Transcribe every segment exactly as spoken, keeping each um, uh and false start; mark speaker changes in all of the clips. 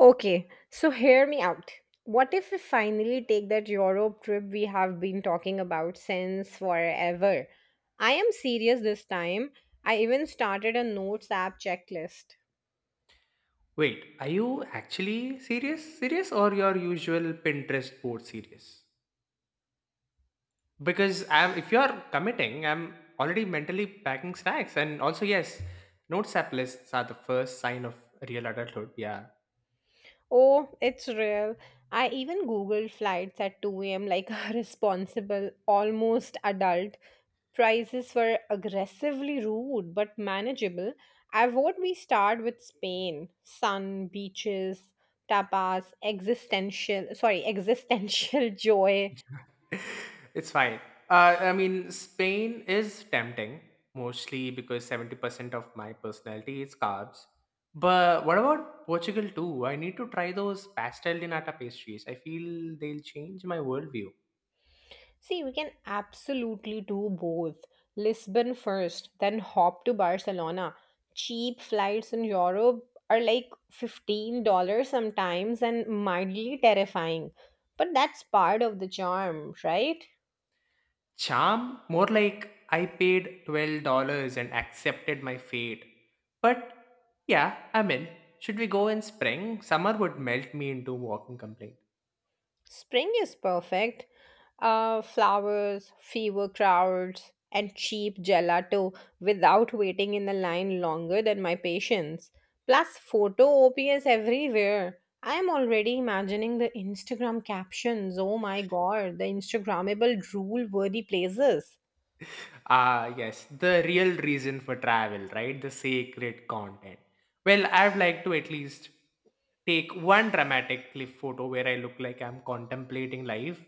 Speaker 1: Okay, so hear me out. What if we finally take that Europe trip we have been talking about since forever? I am serious this time. I even started a notes app checklist.
Speaker 2: Wait, are you actually serious? Serious or your usual Pinterest board serious? Because I'm, if you're committing, I'm already mentally packing snacks. And also, yes, notes app lists are the first sign of real adulthood. Yeah,
Speaker 1: Oh, it's real. I even googled flights at two a m like a responsible, almost adult. Prices were aggressively rude but manageable. I vote we start with Spain. Sun, beaches, tapas, existential, sorry, existential joy.
Speaker 2: it's fine. Uh, I mean, Spain is tempting, mostly because seventy percent of my personality is carbs. But what about Portugal too? I need to try those pastel de nata pastries. I feel they'll change my worldview.
Speaker 1: See, we can absolutely do both. Lisbon first, then hop to Barcelona. Cheap flights in Europe are like fifteen dollars sometimes and mildly terrifying. But that's part of the charm, right?
Speaker 2: Charm? More like I paid twelve dollars and accepted my fate. But yeah, I'm in. Should we go in spring? Summer would melt me into walking complaint.
Speaker 1: Spring is perfect. Uh, flowers, fever crowds, and cheap gelato without waiting in the line longer than my patience. Plus, photo ops everywhere. I am already imagining the Instagram captions. Oh my god, the Instagrammable drool worthy places.
Speaker 2: Ah, yes, the real reason for travel, right? The sacred content. Well, I'd like to at least take one dramatic cliff photo where I look like I'm contemplating life,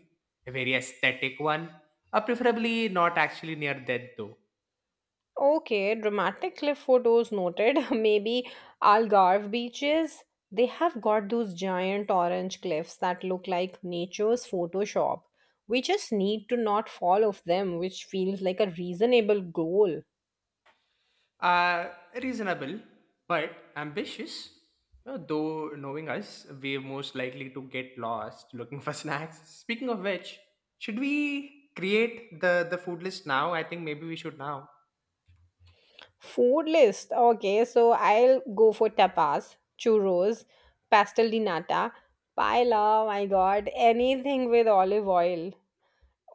Speaker 2: a very aesthetic one, uh, preferably not actually near death though.
Speaker 1: Okay, dramatic cliff photos noted. Maybe Algarve beaches. They have got those giant orange cliffs that look like nature's Photoshop. We just need to not fall off them, which feels like a reasonable goal.
Speaker 2: Uh, Reasonable, but ambitious. Uh, Though knowing us, we're most likely to get lost looking for snacks. Speaking of which, should we create the, the food list now? I think maybe we should now.
Speaker 1: Food list. Okay, so I'll go for tapas, churros, pastel de nata, paella, my god, anything with olive oil.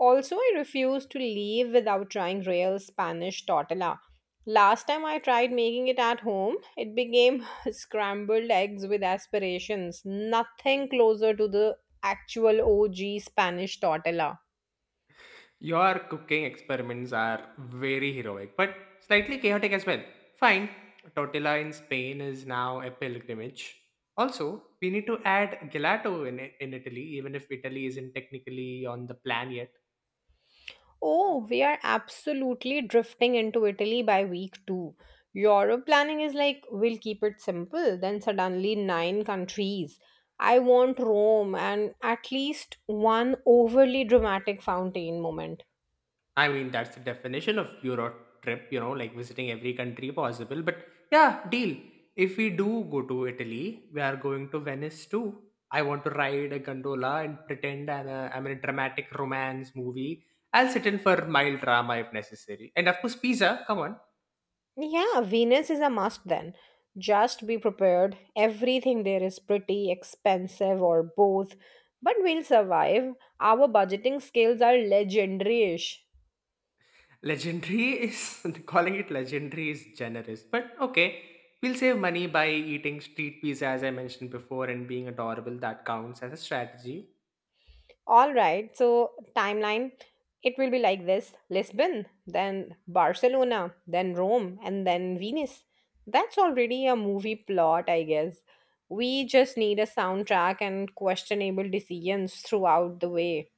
Speaker 1: Also, I refuse to leave without trying real Spanish tortilla. Last time I tried making it at home, it became scrambled eggs with aspirations, nothing closer to the actual O G Spanish tortilla.
Speaker 2: Your cooking experiments are very heroic, but slightly chaotic as well. Fine. Tortilla in Spain is now a pilgrimage. Also, we need to add gelato in, in Italy, even if Italy isn't technically on the plan yet.
Speaker 1: Oh, we are absolutely drifting into Italy by week two. Europe planning is like, we'll keep it simple, then suddenly nine countries. I want Rome and at least one overly dramatic fountain moment.
Speaker 2: I mean, that's the definition of Euro trip, you know, like visiting every country possible. But yeah, deal. If we do go to Italy, we are going to Venice too. I want to ride a gondola and pretend I'm, a, I'm in a dramatic romance movie. I'll sit in for mild drama if necessary. And of course, pizza, come on.
Speaker 1: Yeah, Venus is a must then. Just be prepared. Everything there is pretty expensive or both, but we'll survive. Our budgeting skills are legendary-ish.
Speaker 2: Legendary is, calling it legendary is generous. But okay, we'll save money by eating street pizza, as I mentioned before, and being adorable. That counts as a strategy.
Speaker 1: All right, so timeline it will be like this: Lisbon, then Barcelona, then Rome, and then Venus. That's already a movie plot, I guess. We just need a soundtrack and questionable decisions throughout the way.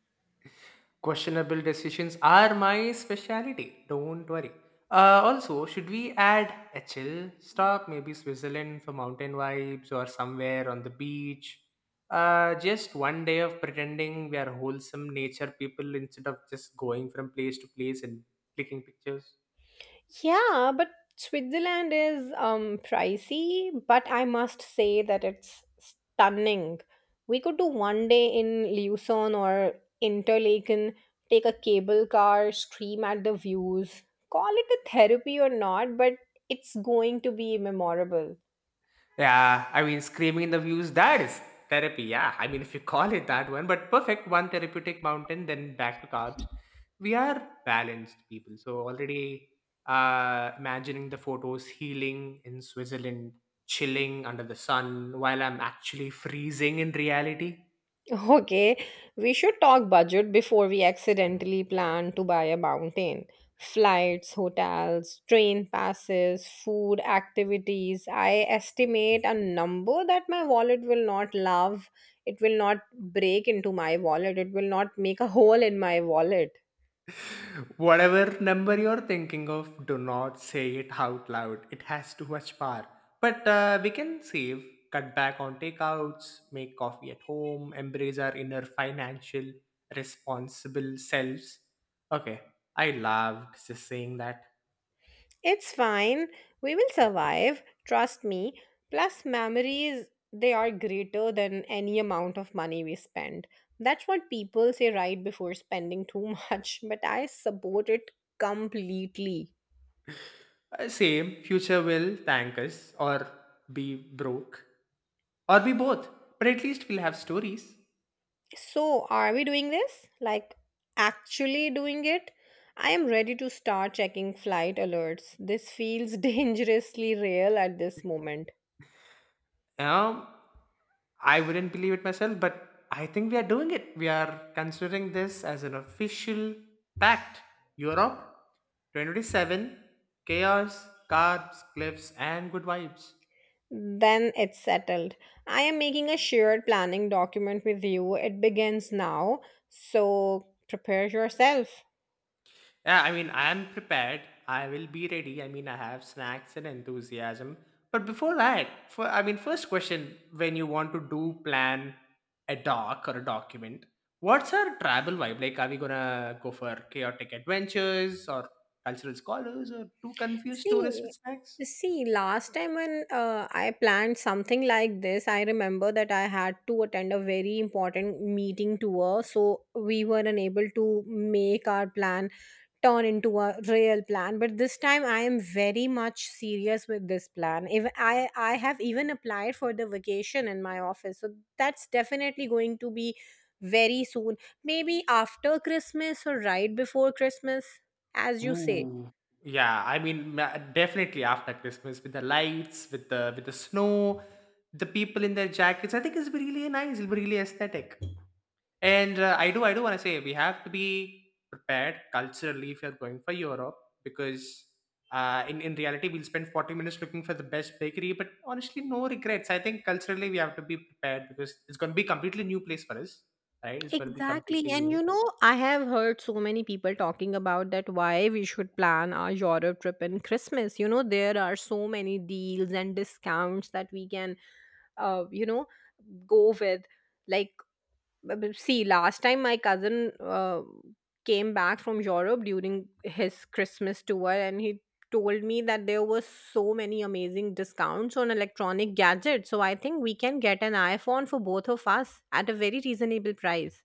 Speaker 2: Questionable decisions are my speciality. Don't worry. Uh, also, should we add a chill stop? Maybe Switzerland for mountain vibes or somewhere on the beach. Uh, just one day of pretending we are wholesome nature people instead of just going from place to place and clicking pictures.
Speaker 1: Yeah, but Switzerland is um pricey, but I must say that it's stunning. We could do one day in Lucerne or Interlaken, take a cable car, scream at the views. Call it a therapy or not, but it's going to be memorable.
Speaker 2: Yeah, I mean, screaming in the views, that is therapy. Yeah, I mean, if you call it that one, but perfect. One therapeutic mountain, then back to carbs. We are balanced people. So, already uh, imagining the photos healing in Switzerland, chilling under the sun while I'm actually freezing in reality.
Speaker 1: Okay, we should talk budget before we accidentally plan to buy a mountain. Flights, hotels, train passes, food, activities. I estimate a number that my wallet will not love. It will not break into my wallet. It will not make a hole in my wallet.
Speaker 2: Whatever number you're thinking of, do not say it out loud. It has too much power. But uh, we can save, cut back on takeouts, make coffee at home, embrace our inner financial responsible selves. Okay, I loved just saying that.
Speaker 1: It's fine. We will survive. Trust me. Plus, memories, they are greater than any amount of money we spend. That's what people say right before spending too much, but I support it completely.
Speaker 2: Uh, same, future will thank us or be broke or be both. But at least we'll have stories.
Speaker 1: So, are we doing this? Like, actually doing it? I am ready to start checking flight alerts. This feels dangerously real at this moment.
Speaker 2: Um, I wouldn't believe it myself, but I think we are doing it. We are considering this as an official pact. Europe twenty twenty-seven, chaos, carbs, cliffs, and good vibes.
Speaker 1: Then it's settled. I am making a shared planning document with you. It begins now, so prepare yourself.
Speaker 2: Yeah, I mean, I am prepared. I will be ready. I mean, I have snacks and enthusiasm. But before that, for I mean, first question: when you want to do plan a doc or a document, what's our travel vibe? Like, are we gonna go for chaotic adventures or cultural scholars or two confused tourists
Speaker 1: See,
Speaker 2: with snacks?
Speaker 1: see, last time when uh, I planned something like this, I remember that I had to attend a very important meeting tour, so we were unable to make our plan turn into a real plan. But this time I am very much serious with this plan. If i i have even applied for the vacation in my office, so that's definitely going to be very soon, maybe after Christmas or right before Christmas, as you say.
Speaker 2: Ooh, yeah. I mean, ma- definitely after Christmas with the lights, with the with the snow, the people in their jackets. I think it's really nice. It'll be really aesthetic. And uh, I do, I do want to say we have to be prepared culturally if you're going for Europe because uh, in in reality we'll spend forty minutes looking for the best bakery, but honestly, no regrets. I think culturally we have to be prepared because it's going to be completely new place for us, right? It's going to be
Speaker 1: Exactly.
Speaker 2: completely
Speaker 1: And you
Speaker 2: new.
Speaker 1: know, I have heard so many people talking about that why we should plan our Europe trip in Christmas. You know, there are so many deals and discounts that we can, uh, you know, go with. Like b- b- see, last time my cousin uh, came back from Europe during his Christmas tour, and he told me that there were so many amazing discounts on electronic gadgets. So I think we can get an iPhone for both of us at a very reasonable price.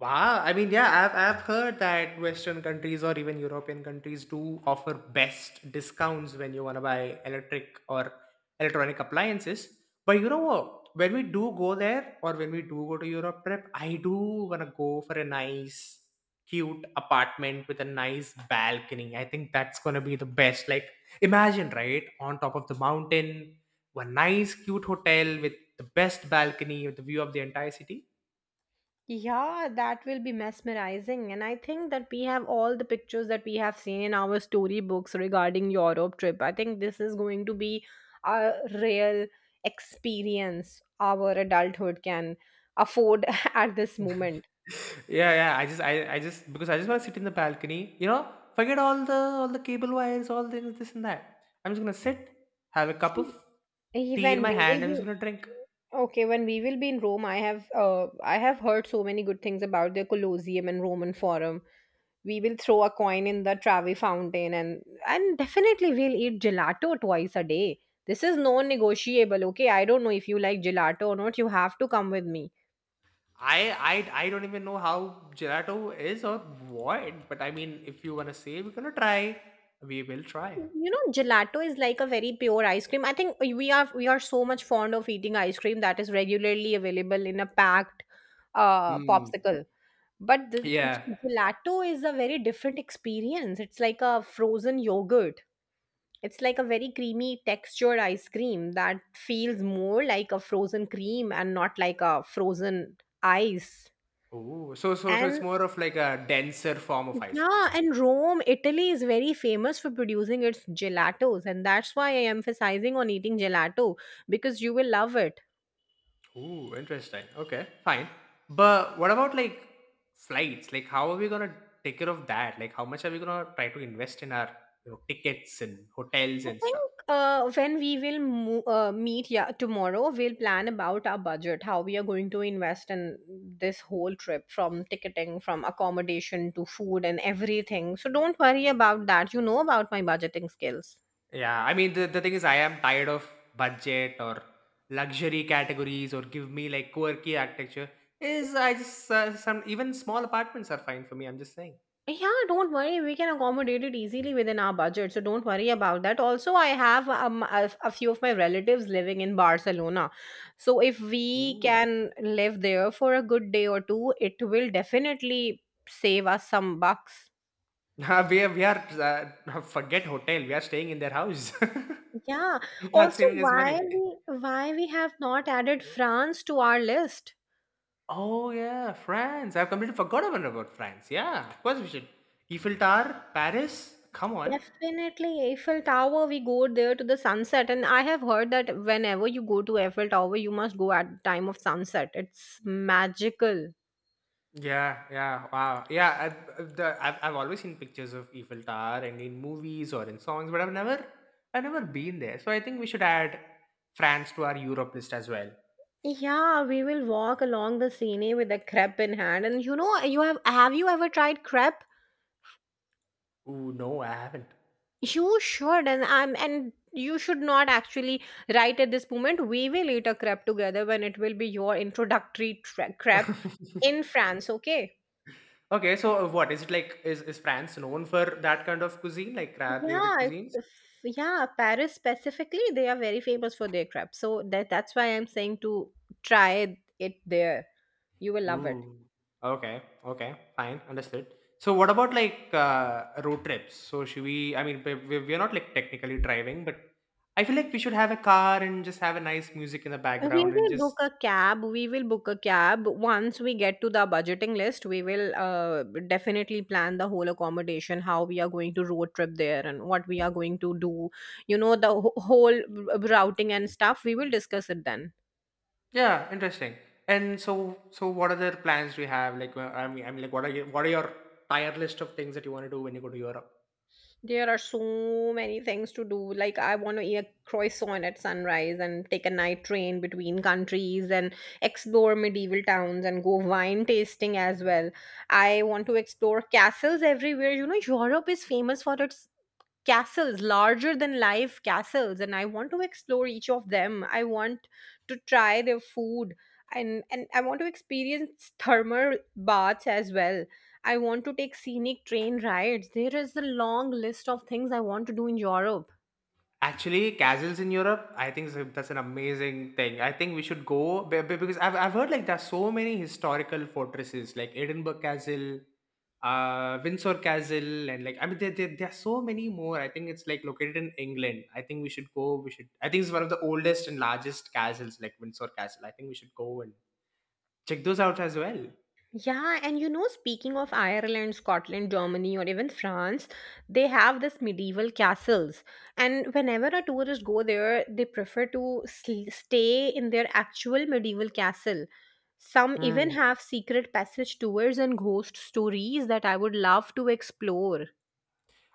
Speaker 2: Wow, I mean, yeah, I've I've heard that Western countries or even European countries do offer best discounts when you want to buy electric or electronic appliances. But you know what? When we do go there or when we do go to Europe trip, I do want to go for a nice, cute apartment with a nice balcony. I think that's gonna be the best. Like, imagine, right, on top of the mountain, one nice, cute hotel with the best balcony with the view of the entire city.
Speaker 1: Yeah, that will be mesmerizing. And I think that we have all the pictures that we have seen in our storybooks regarding Europe trip. I think this is going to be a real experience our adulthood can afford at this moment.
Speaker 2: Yeah, yeah, i just i, I just because I just want to sit in the balcony, you know, forget all the all the cable wires, all things this and that. I'm just gonna sit, have a cup of
Speaker 1: See,
Speaker 2: tea in
Speaker 1: even
Speaker 2: my
Speaker 1: we
Speaker 2: hand,
Speaker 1: will
Speaker 2: I'm
Speaker 1: be.
Speaker 2: just gonna drink.
Speaker 1: Okay, when we will be in Rome, I have uh, I have heard so many good things about the Colosseum and Roman Forum. We will throw a coin in the Travi fountain, and and definitely we'll eat gelato twice a day. This is non-negotiable, okay? I don't know if you like gelato or not. You have to come with me.
Speaker 2: I i i don't even know how gelato is or what, but I mean if you want to say we're gonna try, we will try.
Speaker 1: You know, gelato is like a very pure ice cream. I think we are we are so much fond of eating ice cream that is regularly available in a packed uh,
Speaker 2: Hmm.
Speaker 1: popsicle. But the
Speaker 2: Yeah.
Speaker 1: gelato is a very different experience. It's like a frozen yogurt. It's like a very creamy textured ice cream that feels more like a frozen cream and not like a frozen ice.
Speaker 2: Oh, so so so it's
Speaker 1: And
Speaker 2: more of like a denser form of ice cream.
Speaker 1: yeah, and Rome, Italy is very famous for producing its gelatos, and that's why I am emphasizing on eating gelato because you will love it.
Speaker 2: Ooh, interesting. Okay, fine. But what about like flights? Like, how are we gonna take care of that? Like, how much are we gonna try to invest in our, you know, tickets and hotels
Speaker 1: I
Speaker 2: and stuff?
Speaker 1: think uh, when we will mo- uh, meet yeah, tomorrow, we'll plan about our budget, how we are going to invest in this whole trip from ticketing, from accommodation to food and everything. So don't worry about that. You know about my budgeting skills.
Speaker 2: Yeah, I mean the, the thing is, I am tired of budget or luxury categories or give me like quirky architecture. Is I just uh, some even small apartments are fine for me. I'm just saying.
Speaker 1: Yeah, don't worry. We can accommodate it easily within our budget. So don't worry about that. Also, I have um, a, a few of my relatives living in Barcelona. So if we
Speaker 2: Ooh.
Speaker 1: can live there for a good day or two, it will definitely save us some bucks.
Speaker 2: We are we are uh, forget hotel. We are staying in their house.
Speaker 1: Yeah.
Speaker 2: Without
Speaker 1: Also,
Speaker 2: saving us
Speaker 1: why
Speaker 2: money.
Speaker 1: we why we have not added France to our list?
Speaker 2: Oh yeah, France. I've completely forgotten about France. Yeah, of course we should. Eiffel Tower, Paris. Come on.
Speaker 1: Definitely, Eiffel Tower, we go there to the sunset. And I have heard that whenever you go to Eiffel Tower, you must go at the time of sunset. It's magical.
Speaker 2: Yeah, yeah, wow. Yeah, I, I- the, I've, I've always seen pictures of Eiffel Tower and in movies or in songs, but I've never I've never been there. So I think we should add France to our Europe list as well.
Speaker 1: Yeah, we will walk along the Seine with a crepe in hand. And you know, you have have you ever tried crepe?
Speaker 2: Ooh, no, I haven't.
Speaker 1: You should, and I'm and you should not actually right at this moment. We will eat a crepe together when it will be your introductory tre- crepe in France, okay?
Speaker 2: Okay, so uh, what is it like? Is is France known for that kind of cuisine, like
Speaker 1: Yeah,
Speaker 2: crab-related
Speaker 1: it's
Speaker 2: cuisines?
Speaker 1: a f- yeah, Paris specifically, they are very famous for their crepes. So that that's why I'm saying to try it there. You will love it.
Speaker 2: Mm. Okay. Okay. Fine. Understood. So, what about like uh, road trips? So, should we? I mean, we, we- we're not like technically driving, but I feel like we should have a car and just have a nice music in the
Speaker 1: We
Speaker 2: background and
Speaker 1: will book
Speaker 2: just
Speaker 1: a cab. We will book a cab. Once we get to the budgeting list, we will uh, definitely plan the whole accommodation, how we are going to road trip there and what we are going to do. You know, the wh- whole r- routing and stuff. We will discuss it then.
Speaker 2: yeah, interesting. And so, so what other plans do you have? Like, wh- I mean, I mean, like, what are your what are your tire list of things that you want to do when you go to Europe?
Speaker 1: There are so many things to do. Like I want to eat a croissant at sunrise and take a night train between countries and explore medieval towns and go wine tasting as well. I want to explore castles everywhere. You know, Europe is famous for its castles, larger than life castles. And I want to explore each of them. I want to try their food. And and I want to experience thermal baths as well. I want to take scenic train rides. There is a long list of things I want to do in Europe.
Speaker 2: Actually, castles in Europe, I think is that's an amazing thing. I think we should go be- be- because I've, I've heard like there's so many historical fortresses like Edinburgh Castle, uh, Windsor Castle, and like I mean there, there, there are so many more. I think it's like located in England. I think we should go. We should. I think it's one of the oldest and largest castles, like Windsor Castle. I think we should go and check those out as well.
Speaker 1: Yeah, and you know, speaking of Ireland, Scotland, Germany, or even France, they have this medieval castles. And whenever a tourist go there, they prefer to sl- stay in their actual medieval castle. Some even have secret passage tours and ghost stories that I would love to explore.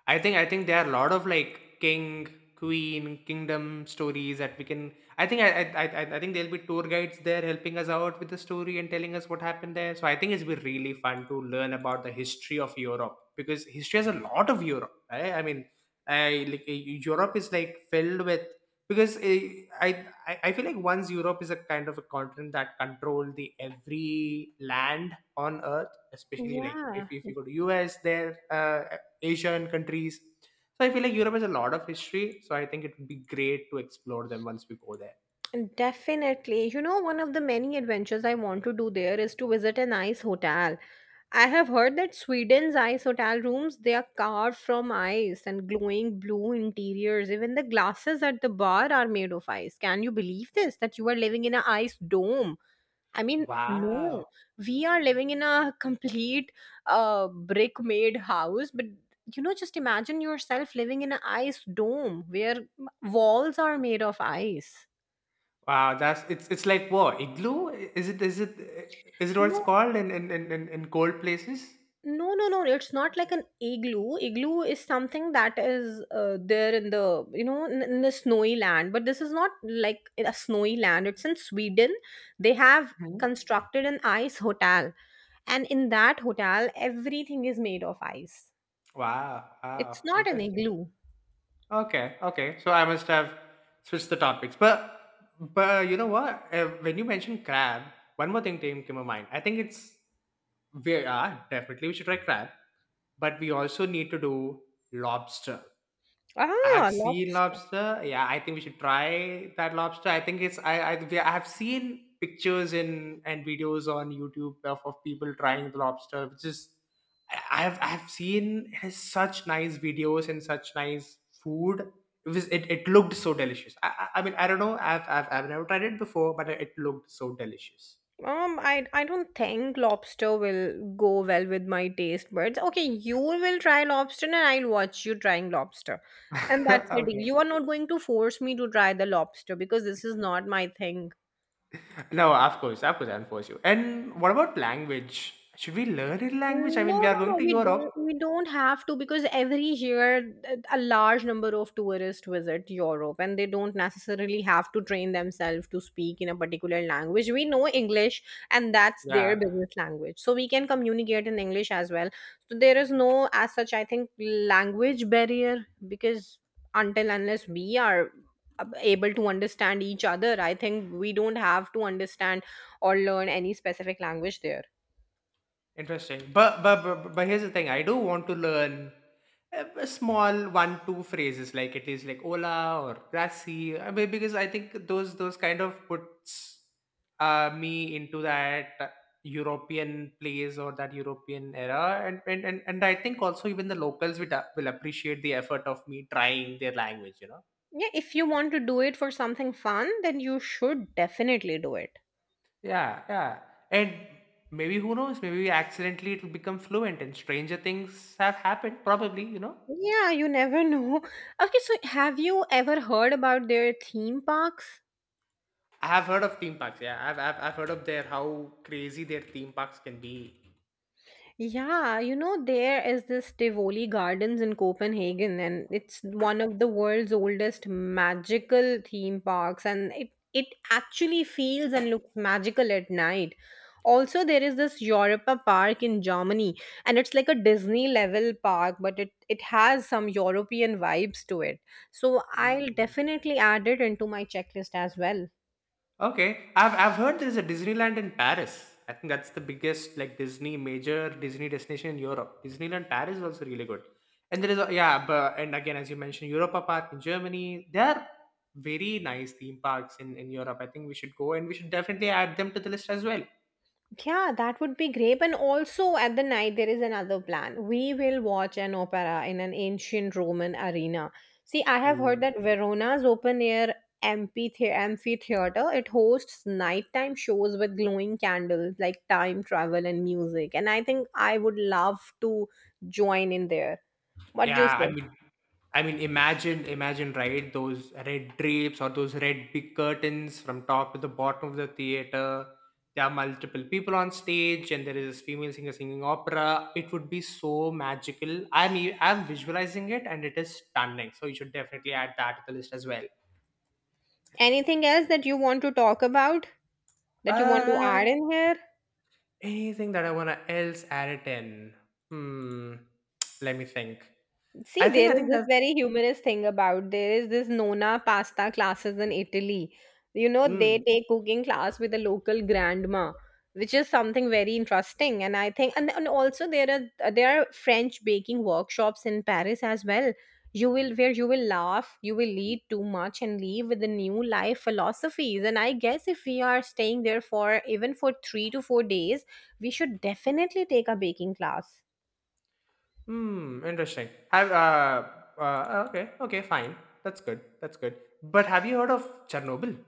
Speaker 2: I think I think there are a lot of like king, queen, kingdom stories that we can. I think I I I, I I think there'll be tour guides there helping us out with the story and telling us what happened there. So I think it's been really fun to learn about the history of Europe because history has a lot of Europe. Right? I mean, I like e- Europe is like filled with because eh, I, I I feel like once Europe is a kind of a continent that controlled the every land on earth, especially like if,
Speaker 1: Yeah.
Speaker 2: if you go to U S there, uh, Asian countries. So I feel like Europe has a lot of history. So I think it would be great to explore them once we go there.
Speaker 1: Definitely. You know, one of the many adventures I want to do there is to visit an ice hotel. I have heard that Sweden's ice hotel rooms, they are carved from ice and glowing blue interiors. Even the glasses at the bar are made of ice. Can you believe this? That you are living in an ice dome. I mean, no,
Speaker 2: Wow.
Speaker 1: we are living in a complete uh, brick made house, but you know, just imagine yourself living in an ice dome where walls are made of ice.
Speaker 2: Wow, that's it's it's like what, igloo? Is it is it is it what it's
Speaker 1: No,
Speaker 2: called in in in, in in cold places?
Speaker 1: no, no, no. It's not like an igloo. Igloo is something that is uh, there in the, you know, in, in the snowy land. But this is not like in a snowy land. It's in Sweden. They have
Speaker 2: Mhm.
Speaker 1: constructed an ice hotel. And in that hotel, everything is made of ice.
Speaker 2: Wow,
Speaker 1: It's
Speaker 2: wow,
Speaker 1: not an
Speaker 2: interesting.
Speaker 1: igloo.
Speaker 2: Okay, okay. So I must have switched the topics. But but uh, you know what? Uh, when you mentioned crab, one more thing came came to my mind. I think it's we are definitely we should try crab, but we also need to do lobster. I've
Speaker 1: Ah,
Speaker 2: seen
Speaker 1: lobster.
Speaker 2: lobster. Yeah, I think we should try that lobster. I think it's I I, we- I have seen pictures in and videos on YouTube of, of people trying the lobster, which is I- I've I've seen it has such nice videos and such nice food. It was it, it looked so delicious. I, I I mean I don't know. I've, I've I've never tried it before, but it looked so delicious.
Speaker 1: Um, I I don't think lobster will go well with my taste buds. Okay, you will try lobster and I'll watch you trying lobster. And that's the deal.
Speaker 2: Okay.
Speaker 1: You are not going to force me to try the lobster because this is not my thing.
Speaker 2: No, of course, of course, I'll force you. And what about language? Should we learn a language? I
Speaker 1: No,
Speaker 2: mean, we are
Speaker 1: no,
Speaker 2: going
Speaker 1: no.
Speaker 2: to
Speaker 1: We don't.
Speaker 2: Europe.
Speaker 1: We don't have to because every year uh, a large number of tourists visit Europe, and they don't necessarily have to train themselves to speak in a particular language. We know English, and that's their
Speaker 2: Yeah.
Speaker 1: business language, so we can communicate in English as well. So there is no, as such, I think, language barrier because until unless we are ab- able to understand each other, I think we don't have to understand or learn any specific language there.
Speaker 2: Interesting. But, but but but here's the thing. I do want to learn uh, b- small one two phrases like it is like hola or grassy. I mean, because I think those those kind of puts uh, me into that European place or that European era, and and and, and I think also even the locals will a- will appreciate the effort of me trying their language. You know.
Speaker 1: Yeah, if you want to do it for something fun, then you should definitely do it.
Speaker 2: Yeah, yeah, and. Maybe who knows? Maybe accidentally it will become fluent, and stranger things have happened. Probably, you know.
Speaker 1: Yeah, you never know. Okay, so have you ever heard about their theme parks?
Speaker 2: I have heard of theme parks. Yeah, I've I've, I've heard of their how crazy their theme parks can be.
Speaker 1: Yeah, you know, there is this Tivoli Gardens in Copenhagen, and it's one of the world's oldest magical theme parks, and it, it actually feels and looks magical at night. Also, there is this Europa Park in Germany, and it's like a Disney level park, but it, it has some European vibes to it. So I'll definitely add it into my checklist as well.
Speaker 2: Okay, I've I've heard there's a Disneyland in Paris. I think that's the biggest like Disney major Disney destination in Europe. Disneyland Paris is also really good. And there is a, yeah, but and again as you mentioned, Europa Park in Germany. There are very nice theme parks in in Europe. I think we should go and we should definitely add them to the list as well.
Speaker 1: Yeah, that would be great. And also at the night, there is another plan. We will watch an opera in an ancient Roman arena. See, I have heard that Verona's open air amphithe- amphitheater it hosts nighttime shows with glowing candles like time travel and music. And I think I would love to join in there. What do you
Speaker 2: Yeah, I
Speaker 1: say?
Speaker 2: mean, I mean, imagine, imagine, right? Those red drapes or those red big curtains from top to the bottom of the theater. There are multiple people on stage, and there is this female singer singing opera. It would be so magical. I'm e- I'm visualizing it, and it is stunning. So you should definitely add that to the list as well.
Speaker 1: Anything else that you want to talk about that you want to
Speaker 2: Uh,
Speaker 1: add in here?
Speaker 2: anything that I wanna else add it in? Hmm. Let me think.
Speaker 1: See,
Speaker 2: I
Speaker 1: there
Speaker 2: think I
Speaker 1: is
Speaker 2: think
Speaker 1: this
Speaker 2: that's.
Speaker 1: very humorous thing about there is this Nona pasta classes in Italy. You know, they
Speaker 2: Hmm.
Speaker 1: take cooking class with a local grandma, which is something very interesting. And I think, and, and also there are there are French baking workshops in Paris as well. You will where you will laugh, you will eat too much and leave with the new life philosophies. And I guess if we are staying there for even for three to four days, we should definitely take a baking class.
Speaker 2: Hmm, interesting. Have uh, uh okay, okay, fine. That's good. That's good. But have you heard of Chernobyl?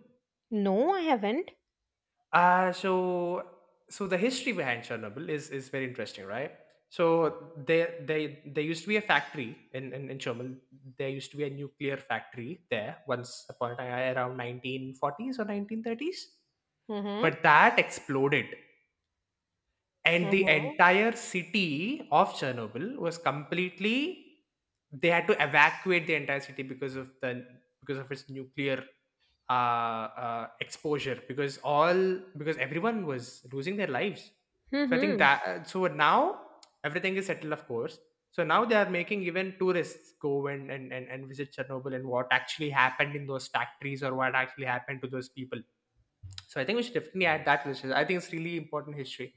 Speaker 1: No, I haven't.
Speaker 2: Uh so so the history behind Chernobyl is is very interesting, right? So there they there used to be a factory in, in, in Chernobyl. There used to be a nuclear factory there once upon a time around nineteen forties or nineteen thirties.
Speaker 1: Mm-hmm.
Speaker 2: But that exploded. And the
Speaker 1: Mm-hmm.
Speaker 2: entire city of Chernobyl was completely, they had to evacuate the entire city because of the, because of its nuclear uh, uh, exposure, because all because everyone was losing their lives. So I think
Speaker 1: Mm-hmm.
Speaker 2: that uh, so now everything is settled, of course. So now they are making even tourists go and and, and, and visit Chernobyl and what actually happened in those factories or what actually happened to those people. So I think we should definitely add that to this. I think it's really important history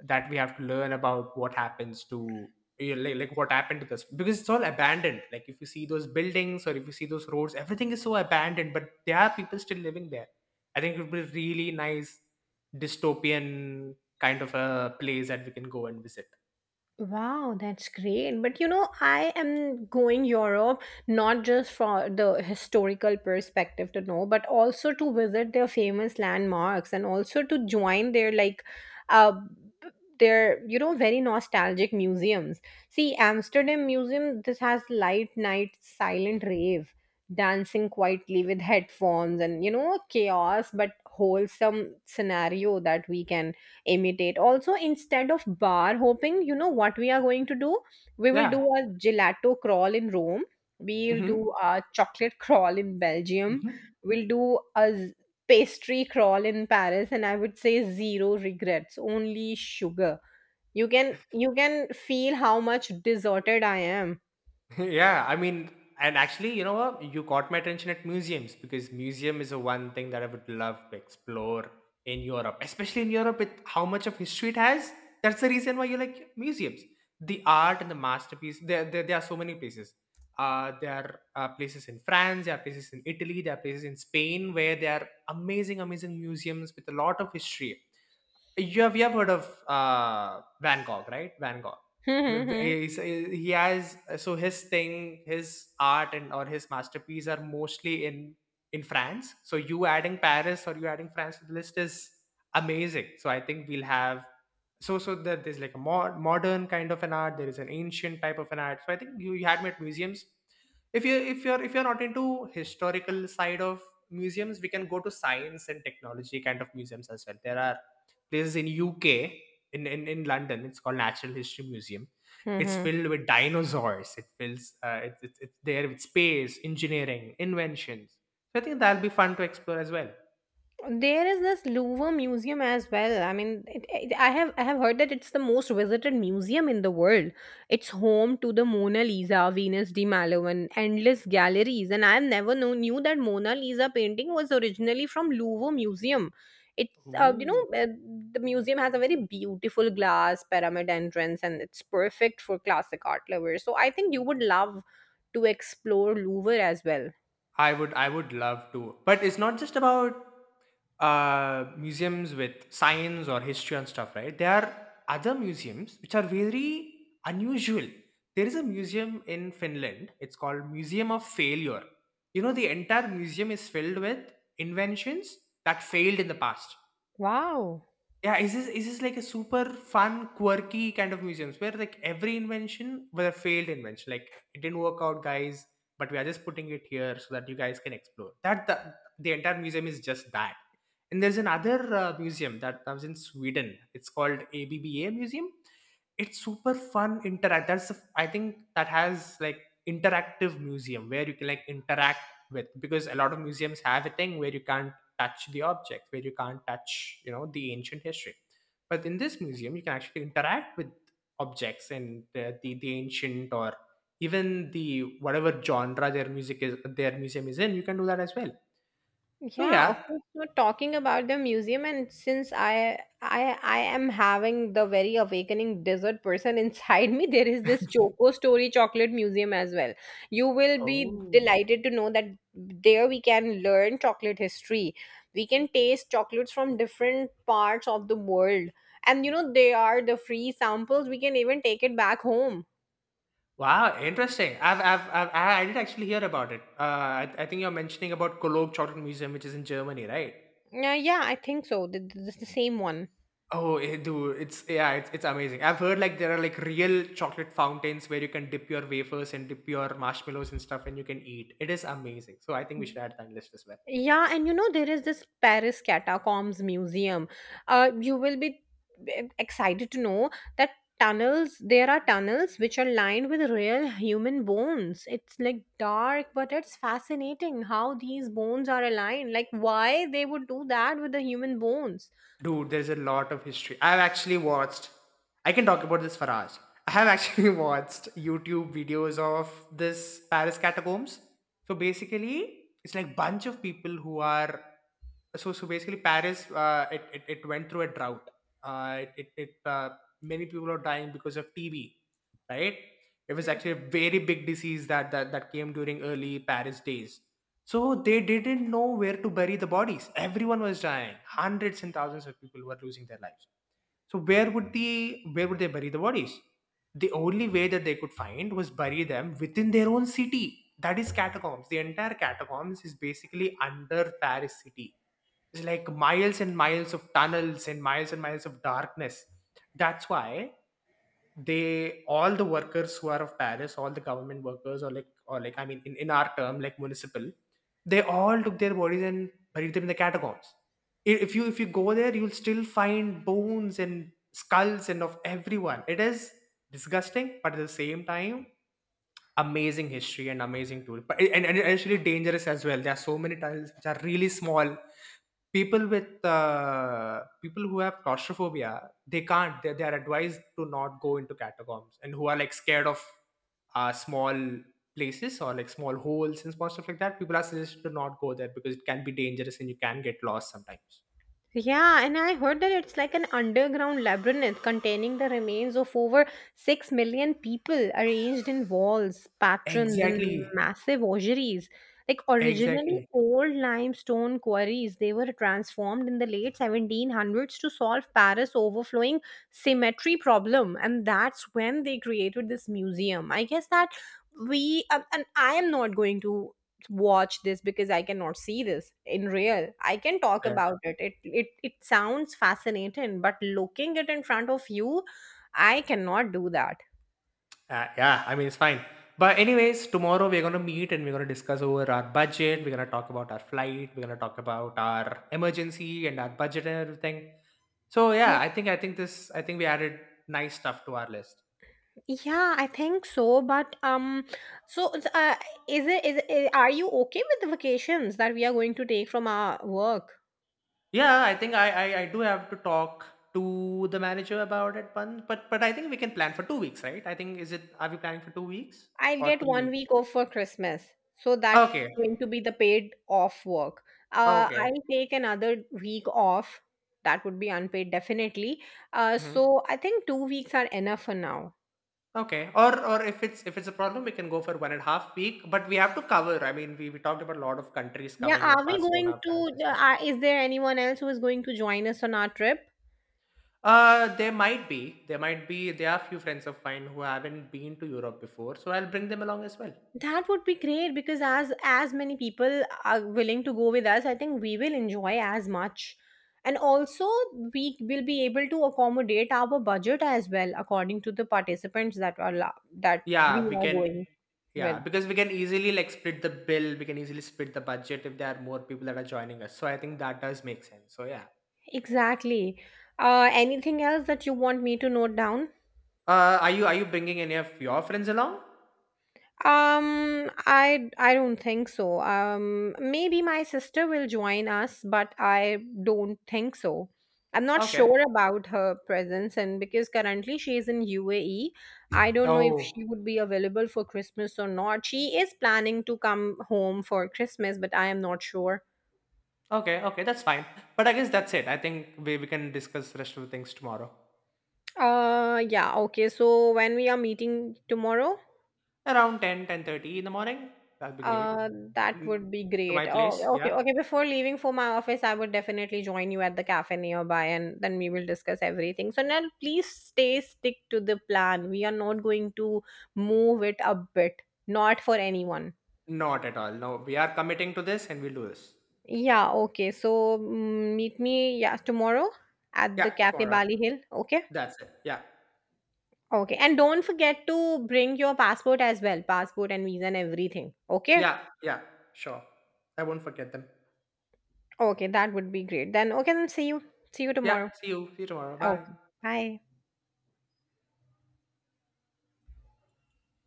Speaker 2: that we have to learn about what happens to, yeah, like, like what happened to this, because it's all abandoned. Like if you see those buildings or if you see those roads, everything is so abandoned, but there are people still living there. I think it would be really nice dystopian kind of a place that we can go and visit.
Speaker 1: Wow, that's great. But you know, I am going Europe not just for the historical perspective to know, but also to visit their famous landmarks and also to join their like uh their, you know, very nostalgic museums. See, Amsterdam Museum this has light night silent rave, dancing quietly with headphones and, you know, chaos but wholesome scenario that we can imitate also instead of bar hopping. You know what we are going to do? We will do
Speaker 2: Yeah.
Speaker 1: a gelato crawl in Rome, we'll do
Speaker 2: Hmm.
Speaker 1: a chocolate crawl in Belgium, we'll do a z- pastry crawl in Paris, and I would say zero regrets, only sugar. You can you can feel how much deserted I am.
Speaker 2: Yeah, I mean, and actually, you know what? You caught my attention at museums, because museum is the one thing that I would love to explore in Europe, especially in Europe with how much of history it has. That's the reason why you like museums. The art and the masterpiece. There, there, there are so many places. Uh, there are uh, places in France. There are places in Italy. There are places in Spain where there are amazing, amazing museums with a lot of history. You have, you have heard of uh, Van Gogh, right? Van Gogh. W- w- he's- He has so his thing, his art and or his masterpiece are mostly in in France. So you adding Paris or you adding France to the list is amazing. So I think we'll have so so that there's like a more modern kind of an art. There is an ancient type of an art. So I think you, you had me at museums. If you if you're if you're not into historical side of museums, we can go to science and technology kind of museums as well. There are places in U K, in, in, in London. It's called Natural History Museum. It's filled with dinosaurs. It fills uh, it, it, it's there with space, engineering, inventions. So I think that'll be fun to explore as well.
Speaker 1: There is this Louvre museum as well. I mean, it, it, I have I have heard that it's the most visited museum in the world. It's home to the Mona Lisa, Venus de Milo, and endless galleries, and I have never know, knew that Mona Lisa painting was originally from Louvre Museum. It's uh, you know
Speaker 2: Ooh.
Speaker 1: uh, the museum has a very beautiful glass pyramid entrance, and it's perfect for classic art lovers. So I think you would love to explore Louvre as well.
Speaker 2: I would, I would love to. But it's not just about uh, museums with science or history and stuff, right? There are other museums which are very unusual. There is a museum in Finland. It's called Museum of Failure. You know, the entire museum is filled with inventions that failed in the past.
Speaker 1: Wow.
Speaker 2: Yeah, is this is this like a super fun, quirky kind of museums where like every invention was a failed invention. Like it didn't work out, guys, but we are just putting it here so that you guys can explore. That the, the entire museum is just that. And there's another uh, museum that comes in Sweden. It's called ABBA Museum. It's super fun interact. That's the, I think that has like interactive museum where you can like interact with, because a lot of museums have a thing where you can't touch the object, where you can't touch, you know, the ancient history, but in this museum you can actually interact with objects and the, the, the ancient or even the, whatever genre their music is, their museum is in, you can do that as well. So
Speaker 1: Yeah,
Speaker 2: yeah.
Speaker 1: okay. So talking about the museum, and since I I I am having the very awakening dessert person inside me, there is this Choco Story Chocolate Museum as well. You will be
Speaker 2: Oh
Speaker 1: delighted to know that there we can learn chocolate history. We can taste chocolates from different parts of the world. And you know, they are the free samples. We can even take it back home.
Speaker 2: wow, interesting. i've i've, I've i I did actually hear about it. uh I, I think you're mentioning about Cologne Chocolate Museum, which is in Germany, right?
Speaker 1: Yeah, yeah, I think so. Th- th- This is the same one.
Speaker 2: Oh, eh, dude, it's, yeah, it's, it's amazing. I've heard like there are like real chocolate fountains where you can dip your wafers and dip your marshmallows and stuff, and you can eat. It is amazing. So I think we should add that list as well.
Speaker 1: Yeah, and you know, there is this Paris Catacombs Museum. Uh, you will be e- excited to know that tunnels, there are tunnels which are lined with real human bones. It's like dark, but it's fascinating how these bones are aligned. Like, why they would do that with the human bones.
Speaker 2: Dude, there's a lot of history. I've actually watched, I can talk about this for hours. I have actually watched YouTube videos of this Paris catacombs. So basically, it's like bunch of people who are, so, so basically Paris, uh, it, it, it went through a drought. Uh, it, it, it uh, many people are dying because of T B, right? It was actually a very big disease that, that, that came during early Paris days. So they didn't know where to bury the bodies. Everyone was dying. Hundreds and thousands of people were losing their lives. So where would the where would they bury the bodies? The only way that they could find was bury them within their own city. That is catacombs. The entire catacombs is basically under Paris city. It's like miles and miles of tunnels and miles and miles of darkness. That's why they, all the workers who are of Paris, all the government workers, or like, or like I mean, in, in our term, like municipal, they all took their bodies and buried them in the catacombs. I- if you, if you go there, you'll still find bones and skulls and of everyone. It is disgusting, but at the same time amazing history and amazing tour. But and, and actually dangerous as well. There are so many tunnels which are really small. People with uh, people who have claustrophobia, they can't they, they are advised to not go into catacombs, and who are like scared of uh, small places, or like small holes and small stuff like that, people are suggested to not go there, because it can be dangerous and you can get lost sometimes.
Speaker 1: Yeah, and I heard that it's like an underground labyrinth containing the remains of over six million people arranged in walls, patterns, and
Speaker 2: Exactly.
Speaker 1: massive ossuaries. Like originally
Speaker 2: Exactly.
Speaker 1: old limestone quarries, they were transformed in the late seventeen hundreds to solve Paris' overflowing symmetry problem, and that's when they created this museum. I guess that we um, and I am not going to watch this because I cannot see this in real. I can talk
Speaker 2: Yeah.
Speaker 1: about it. It it it sounds fascinating, but looking it in front of you, I cannot do that.
Speaker 2: Uh, yeah, I mean, it's fine. But anyways, tomorrow we're going to meet, and we're going to discuss over our budget, we're going to talk about our flight, we're going to talk about our emergency and our budget and everything. So yeah,
Speaker 1: Yeah,
Speaker 2: I think I think this I think we added nice stuff to our list.
Speaker 1: yeah, I think so. But um, so uh, is it is it, are you okay with the vacations that we are going to take from our work?
Speaker 2: Yeah, I think I I, I do have to talk to the manager about it, but but but I think we can plan for two weeks, right? I think is it are we planning for two weeks
Speaker 1: I'll
Speaker 2: or
Speaker 1: get
Speaker 2: three
Speaker 1: one
Speaker 2: weeks?
Speaker 1: week off for Christmas. So that's
Speaker 2: Okay,
Speaker 1: going to be the paid off work. Uh,
Speaker 2: okay,
Speaker 1: I'll take another week off. That would be unpaid, definitely. Uh,
Speaker 2: mhm.
Speaker 1: so I think two weeks are enough for now.
Speaker 2: Okay. Or or if it's if it's a problem, we can go for one and a half week, but we have to cover. I mean, we we talked about a lot of countries
Speaker 1: Yeah,
Speaker 2: covering
Speaker 1: are
Speaker 2: like
Speaker 1: we going
Speaker 2: Barcelona, France,
Speaker 1: to?
Speaker 2: and
Speaker 1: Uh,
Speaker 2: stuff.
Speaker 1: are- is there anyone else who is going to join us on our trip?
Speaker 2: Uh, there might be there might be there are a few friends of mine who haven't been to Europe before, so I'll bring them along as well.
Speaker 1: That would be great because as as many people are willing to go with us, I think we will enjoy as much. And also we will be able to accommodate our budget as well according to the participants that are la- that we
Speaker 2: Yeah, we
Speaker 1: are
Speaker 2: can.
Speaker 1: going
Speaker 2: Yeah,
Speaker 1: with.
Speaker 2: because we can easily like split the bill. We can easily split the budget if there are more people that are joining us. So I think that does make sense. So yeah.
Speaker 1: Exactly. Uh, anything else that you want me to note down?
Speaker 2: Uh, are you are you bringing any of your friends along?
Speaker 1: Um, I I don't think so. Um, maybe my sister will join us, but I don't think so. I'm not
Speaker 2: Okay.
Speaker 1: sure about her presence, and because currently she is in U A E, I don't know if
Speaker 2: Oh.
Speaker 1: she would be available for Christmas or not. She is planning to come home for Christmas, but I am not sure.
Speaker 2: Okay. Okay. That's fine. But I guess that's it. I think we we can discuss rest of the things tomorrow
Speaker 1: Uh, yeah, okay. So when we are meeting tomorrow?
Speaker 2: around ten ten thirty in the morning. That'll be great.
Speaker 1: Uh, that
Speaker 2: N-
Speaker 1: would be
Speaker 2: to
Speaker 1: great.
Speaker 2: my
Speaker 1: Oh,
Speaker 2: place.
Speaker 1: okay,
Speaker 2: Yeah.
Speaker 1: okay. Before leaving for my office, I would definitely join you at the cafe nearby, and then we will discuss everything. So now, please stay stick to the plan. We are not going to move it a bit, not for anyone.
Speaker 2: Not at all. No, we are committing to this and we'll do this.
Speaker 1: Yeah, okay. So mm, meet me, yeah, tomorrow at the
Speaker 2: Yeah.
Speaker 1: cafe
Speaker 2: Tomorrow.
Speaker 1: Bali Hill. Okay,
Speaker 2: That's it. Yeah.
Speaker 1: okay. And don't forget to bring your passport as well, passport and visa and everything. Okay,
Speaker 2: Yeah, yeah, sure. I won't forget them.
Speaker 1: okay. That would be great. Then okay, then see you, see you
Speaker 2: Yeah,
Speaker 1: tomorrow.
Speaker 2: see you. See you tomorrow. Bye.
Speaker 1: Okay, bye.